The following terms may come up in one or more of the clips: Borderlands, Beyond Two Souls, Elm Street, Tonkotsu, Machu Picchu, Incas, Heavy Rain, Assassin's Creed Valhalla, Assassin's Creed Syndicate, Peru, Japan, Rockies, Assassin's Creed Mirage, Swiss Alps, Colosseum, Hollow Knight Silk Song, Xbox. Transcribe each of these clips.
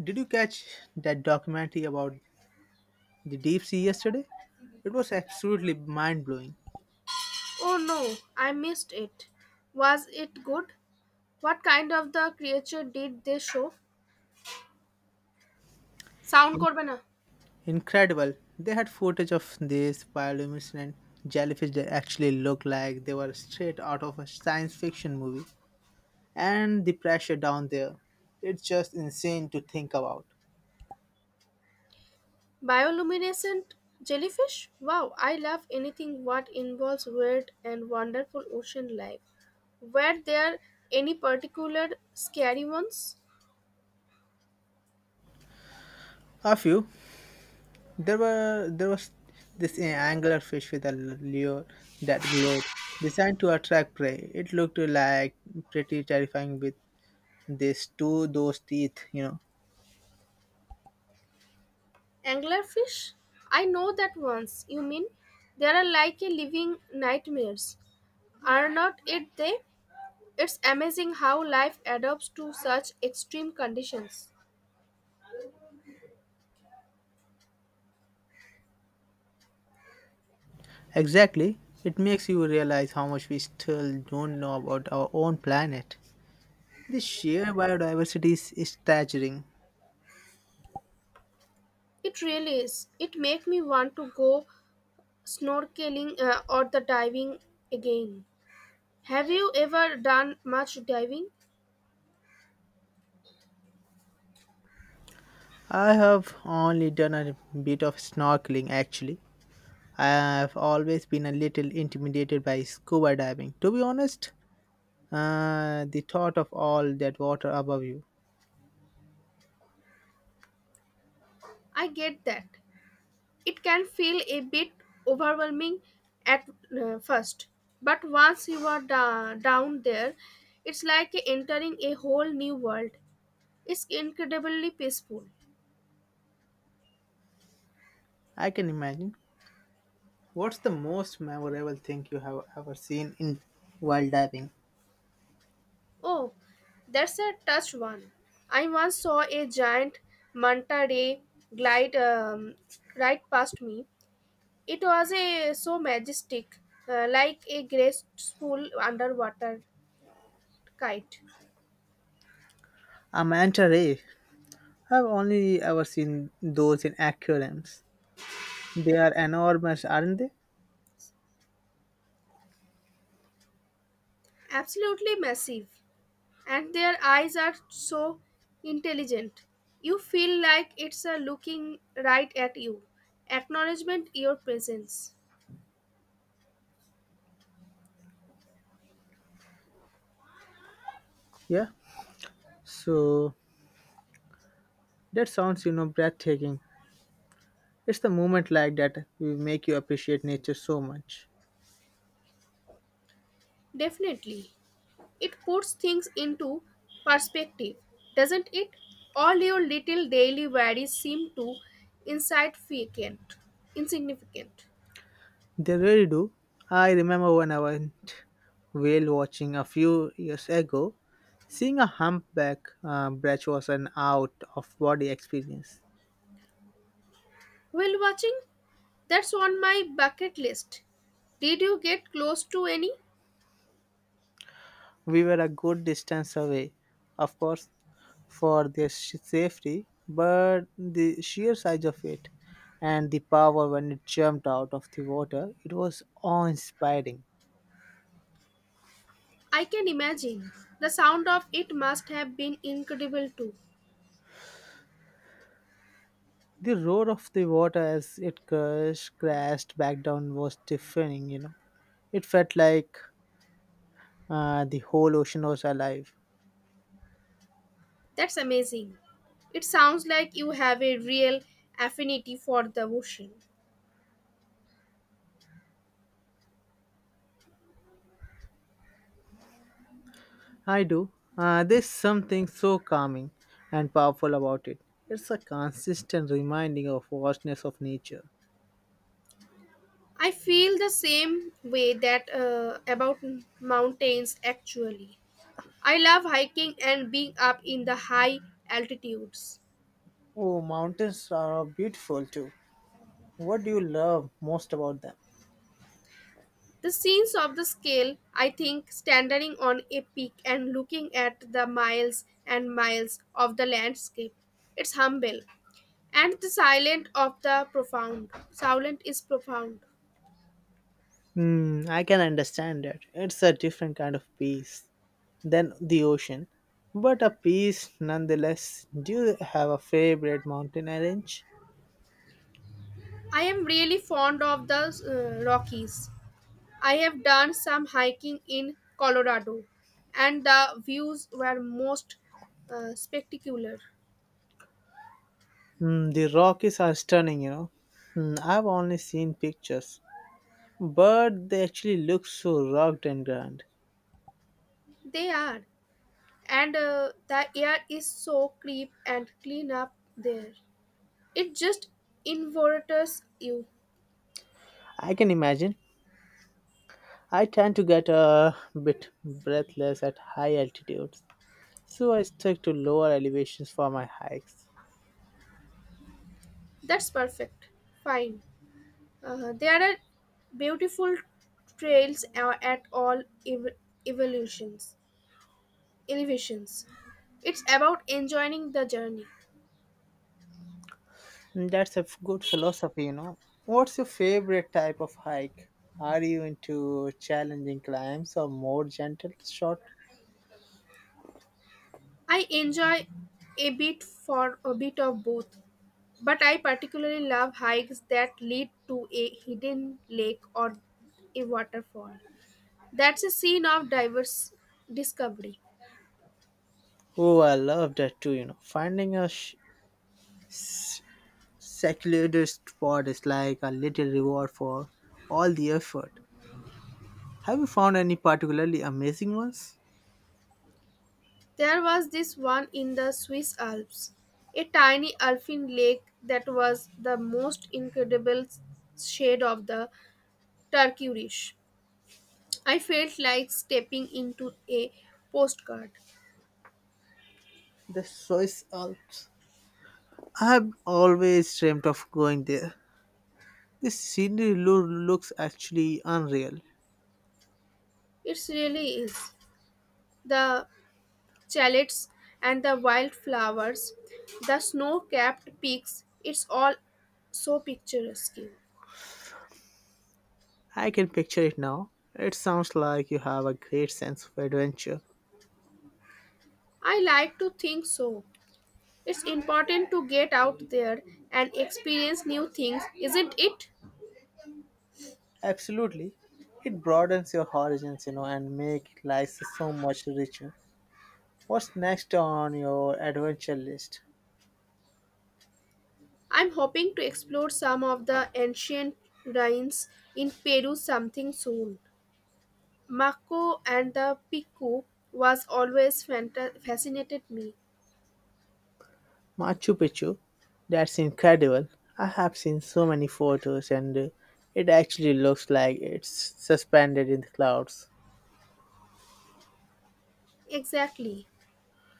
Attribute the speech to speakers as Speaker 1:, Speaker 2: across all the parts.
Speaker 1: Did you catch that documentary about the deep sea yesterday? It was absolutely mind blowing.
Speaker 2: Oh no, I missed it. Was it good? What kind of the creature did they show? Sound করবে না
Speaker 1: Incredible. They had footage of these bioluminescent jellyfish that actually looked like they were straight out of a science fiction movie. And the pressure down there, it's just insane to think about.
Speaker 2: bioluminescent jellyfish wow I love anything what involves weird and wonderful ocean life were there any particular scary ones
Speaker 1: A few. There was this angler fish with a lure that glowed, designed to attract prey. It looked like pretty terrifying with those teeth, you know.
Speaker 2: anglerfish I know that ones you mean they are like a living nightmares are not it they it's amazing how life adapts to such extreme conditions.
Speaker 1: Exactly. It makes you realize how much we still don't know about our own planet. The sheer biodiversity is staggering.
Speaker 2: It really is. It makes me want to go snorkeling or the diving again. Have you ever done much diving?
Speaker 1: I have only done a bit of snorkeling actually. I've always been a little intimidated by scuba diving. To be honest, the thought of all that water above you.
Speaker 2: I get that. It can feel a bit overwhelming at first, but once you are down there, it's like entering a whole new world. It's incredibly peaceful.
Speaker 1: I can imagine. What's the most memorable thing you have ever seen in while diving?
Speaker 2: Oh, that's a touch one. I once saw a giant manta ray glide right past me. It was a so majestic, like a graceful underwater kite.
Speaker 1: A manta ray. I've only ever seen those in aquariums. They are enormous, aren't they?
Speaker 2: Absolutely massive, and their eyes are so intelligent. You feel like it's a looking right at you. Acknowledgement your presence.
Speaker 1: Yeah. So that sounds, breathtaking. It's the moment like that will make you appreciate nature so much.
Speaker 2: Definitely. It puts things into perspective, doesn't it? All your little daily worries seem to insignificant. Insignificant.
Speaker 1: They really do. I remember when I went whale watching a few years ago, seeing a humpback brach was an out of body experience.
Speaker 2: Whale watching? That's on my bucket list. Did you get close to any?
Speaker 1: We were a good distance away, of course, for their safety, but the sheer size of it and the power when it jumped out of the water, it was awe inspiring.
Speaker 2: I can imagine. The sound of it must have been incredible too.
Speaker 1: The roar of the water as it crashed back down was deafening, you know. It felt like the whole ocean was alive.
Speaker 2: That's amazing. It sounds like you have a real affinity for the ocean.
Speaker 1: I do. There's something so calming and powerful about it. It's a consistent reminding of vastness of nature.
Speaker 2: I feel the same way that about mountains actually. I love hiking and being up in the high altitudes.
Speaker 1: Oh, mountains are beautiful too. What do you love most about them?
Speaker 2: The scenes of the scale, I think, standing on a peak and looking at the miles and miles of the landscape. It's humble. And the silent of the profound. Silent is profound.
Speaker 1: Hmm, I can understand that. It's a different kind of peace than the ocean, but a peace nonetheless. Do you have a favorite mountain range?
Speaker 2: I am really fond of the Rockies. I have done some hiking in Colorado, and the views were most spectacular.
Speaker 1: Hmm, the Rockies are stunning, you know. Hmm, I've only seen pictures, but they actually look so rugged and grand.
Speaker 2: They are, and the air is so crisp and clean up there. It just invigorates you.
Speaker 1: I can imagine. I tend to get a bit breathless at high altitudes, so I stick to lower elevations for my hikes.
Speaker 2: That's perfect. Fine. There are beautiful trails at all evolutions, elevations. It's about enjoying the journey.
Speaker 1: Mm, that's a good philosophy, you know. What's your favorite type of hike? Are you into challenging climbs or more gentle short?
Speaker 2: I enjoy a bit of both, but I particularly love hikes that lead to a hidden lake or a waterfall. That's a scene of diverse discovery.
Speaker 1: Oh, I love that too, you know. Finding a secluded spot is like a little reward for all the effort. Have you found any particularly amazing ones?
Speaker 2: There was this one in the Swiss Alps, a tiny alpine lake that was the most incredible shade of the turquoise. I felt like stepping into a postcard.
Speaker 1: The Swiss Alps. I've always dreamt of going there. This scenery looks actually unreal.
Speaker 2: It really is. The chalets and the wildflowers, the snow capped peaks, it's all so picturesque.
Speaker 1: I can picture it now. It sounds like you have a great sense of adventure.
Speaker 2: I like to think so. It's important to get out there and experience new things, isn't it?
Speaker 1: Absolutely. It broadens your horizons, you know, and make life so much richer. What's next on your adventure list?
Speaker 2: I'm hoping to explore some of the ancient ruins in Peru something soon. Mako and the Piku was always fascinated me.
Speaker 1: Machu Picchu. That's incredible. I have seen so many photos and it actually looks like it's suspended in the clouds.
Speaker 2: Exactly.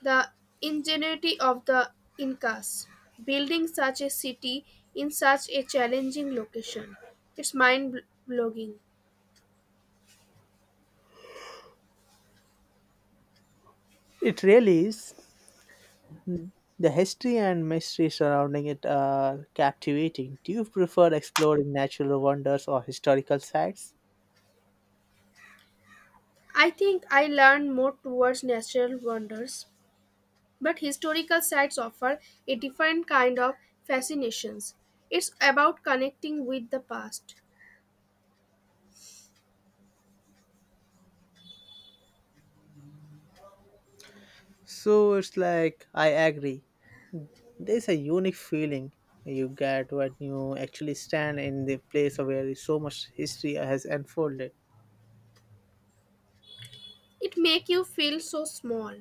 Speaker 2: The ingenuity of the Incas building such a city in such a challenging location. It's mind blogging.
Speaker 1: It really is. The history and mystery surrounding it are captivating. Do you prefer exploring natural wonders or historical sites?
Speaker 2: I think I learn more towards natural wonders, but historical sites offer a different kind of fascinations. It's about connecting with the past.
Speaker 1: So it's like, I agree. There's a unique feeling you get when you actually stand in the place where so much history has unfolded.
Speaker 2: It makes you feel so small,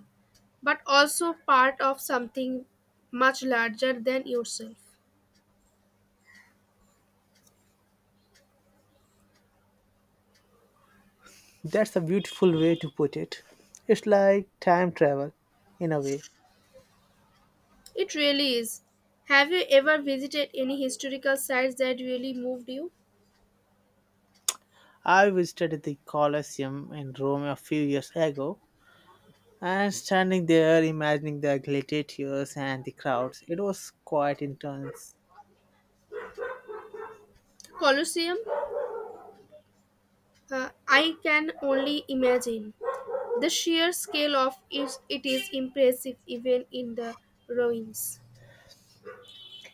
Speaker 2: but also part of something much larger than yourself.
Speaker 1: That's a beautiful way to put it. It's like time travel, in a way.
Speaker 2: It really is. Have you ever visited any historical sites that really moved you?
Speaker 1: I visited the Colosseum in Rome a few years ago. And standing there, imagining the gladiators and the crowds, it was quite intense.
Speaker 2: Colosseum? I can only imagine. The sheer scale of it, it is impressive even in the ruins.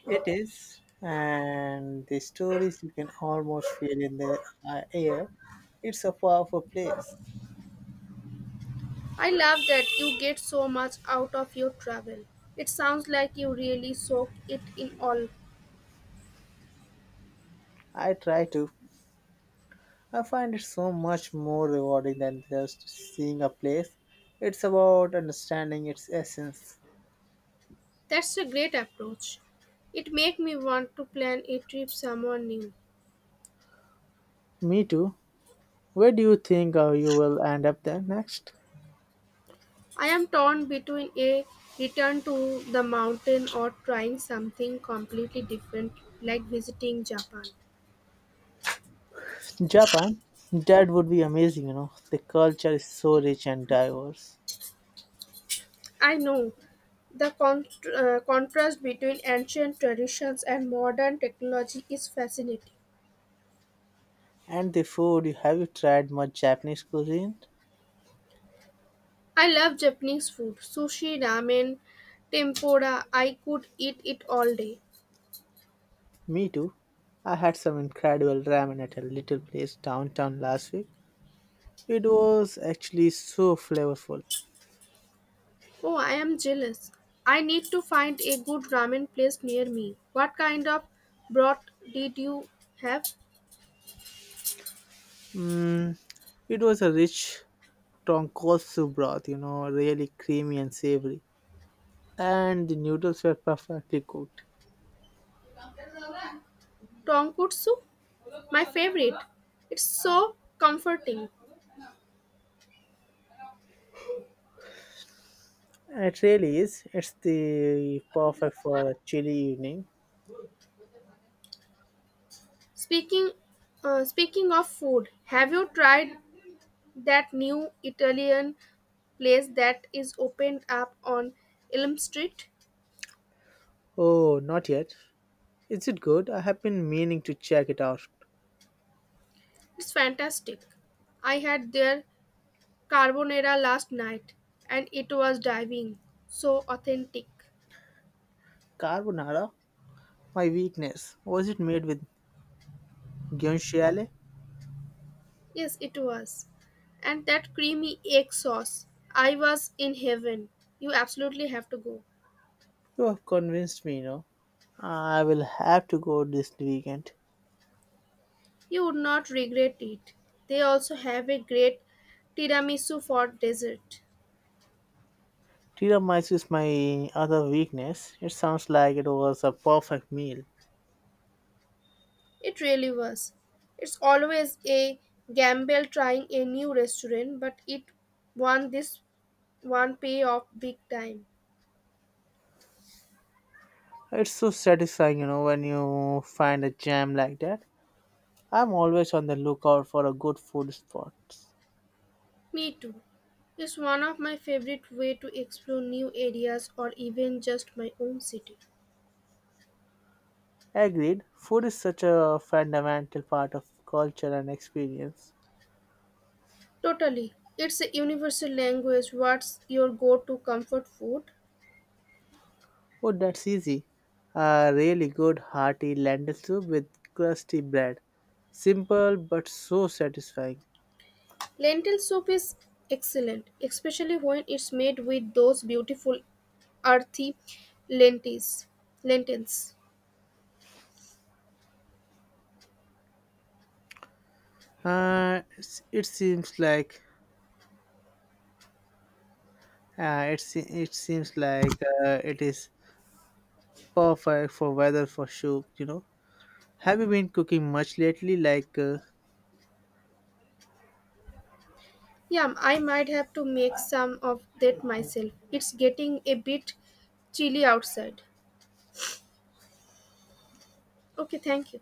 Speaker 1: It is. And the stories you can almost feel in the air. It's a powerful place.
Speaker 2: I love that you get so much out of your travel. It sounds like you really soak it in all.
Speaker 1: I try to. I find it so much more rewarding than just seeing a place. It's about understanding its essence.
Speaker 2: That's a great approach. It makes me want to plan a trip somewhere new.
Speaker 1: Me too. Where do you think you will end up then next?
Speaker 2: I am torn between a return to the mountain or trying something completely different like visiting Japan.
Speaker 1: Japan, that would be amazing, you know. The culture is so rich and diverse.
Speaker 2: I know the con- contrast between ancient traditions and modern technology is fascinating.
Speaker 1: And the food, have you tried much Japanese cuisine?
Speaker 2: I love Japanese food sushi, ramen, tempura. I could eat it all day.
Speaker 1: Me too. I had some incredible ramen at a little place downtown last week. It was actually so flavorful.
Speaker 2: Oh, I am jealous. I need to find a good ramen place near me. What kind of broth did you have?
Speaker 1: Mm, it was a rich tonkotsu broth, you know, really creamy and savory. And the noodles were perfectly cooked.
Speaker 2: Tonkotsu? My favorite. It's so comforting.
Speaker 1: It really is. It's the perfect for a chilly evening.
Speaker 2: Speaking speaking of food, have you tried that new Italian place that is opened up on Elm Street?
Speaker 1: Oh, not yet. Is it good? I have been meaning to check it out.
Speaker 2: It's fantastic. I had their carbonara last night and it was diving so authentic.
Speaker 1: Carbonara? My weakness. Was it made with guanciale?
Speaker 2: Yes it was, and that creamy egg sauce, I was in heaven. You absolutely have to go.
Speaker 1: You have convinced me, you know. I will have to go this weekend.
Speaker 2: You would not regret it. They also have a great tiramisu for dessert.
Speaker 1: Tiramisu is my other weakness. It sounds like it was a perfect meal.
Speaker 2: It really was. It's always a gamble trying a new restaurant, but it won, this one pay off big time.
Speaker 1: It's so satisfying, you know, when you find a gem like that. I'm always on the lookout for a good food spot.
Speaker 2: Me too. It's one of my favorite way to explore new areas or even just my own city.
Speaker 1: Agreed, food is such a fundamental part of culture and experience.
Speaker 2: Totally. It's a universal language. What's your go-to comfort food?
Speaker 1: Oh, that's easy. A really good hearty lentil soup with crusty bread. Simple but so satisfying.
Speaker 2: Lentil soup is excellent, especially when it's made with those beautiful earthy lentils. Lentils.
Speaker 1: It's- it seems like it seems like it is perfect for weather for soup. You know, have you been cooking much lately?
Speaker 2: Yeah, I might have to make some of that myself. It's getting a bit chilly outside. Okay, thank you.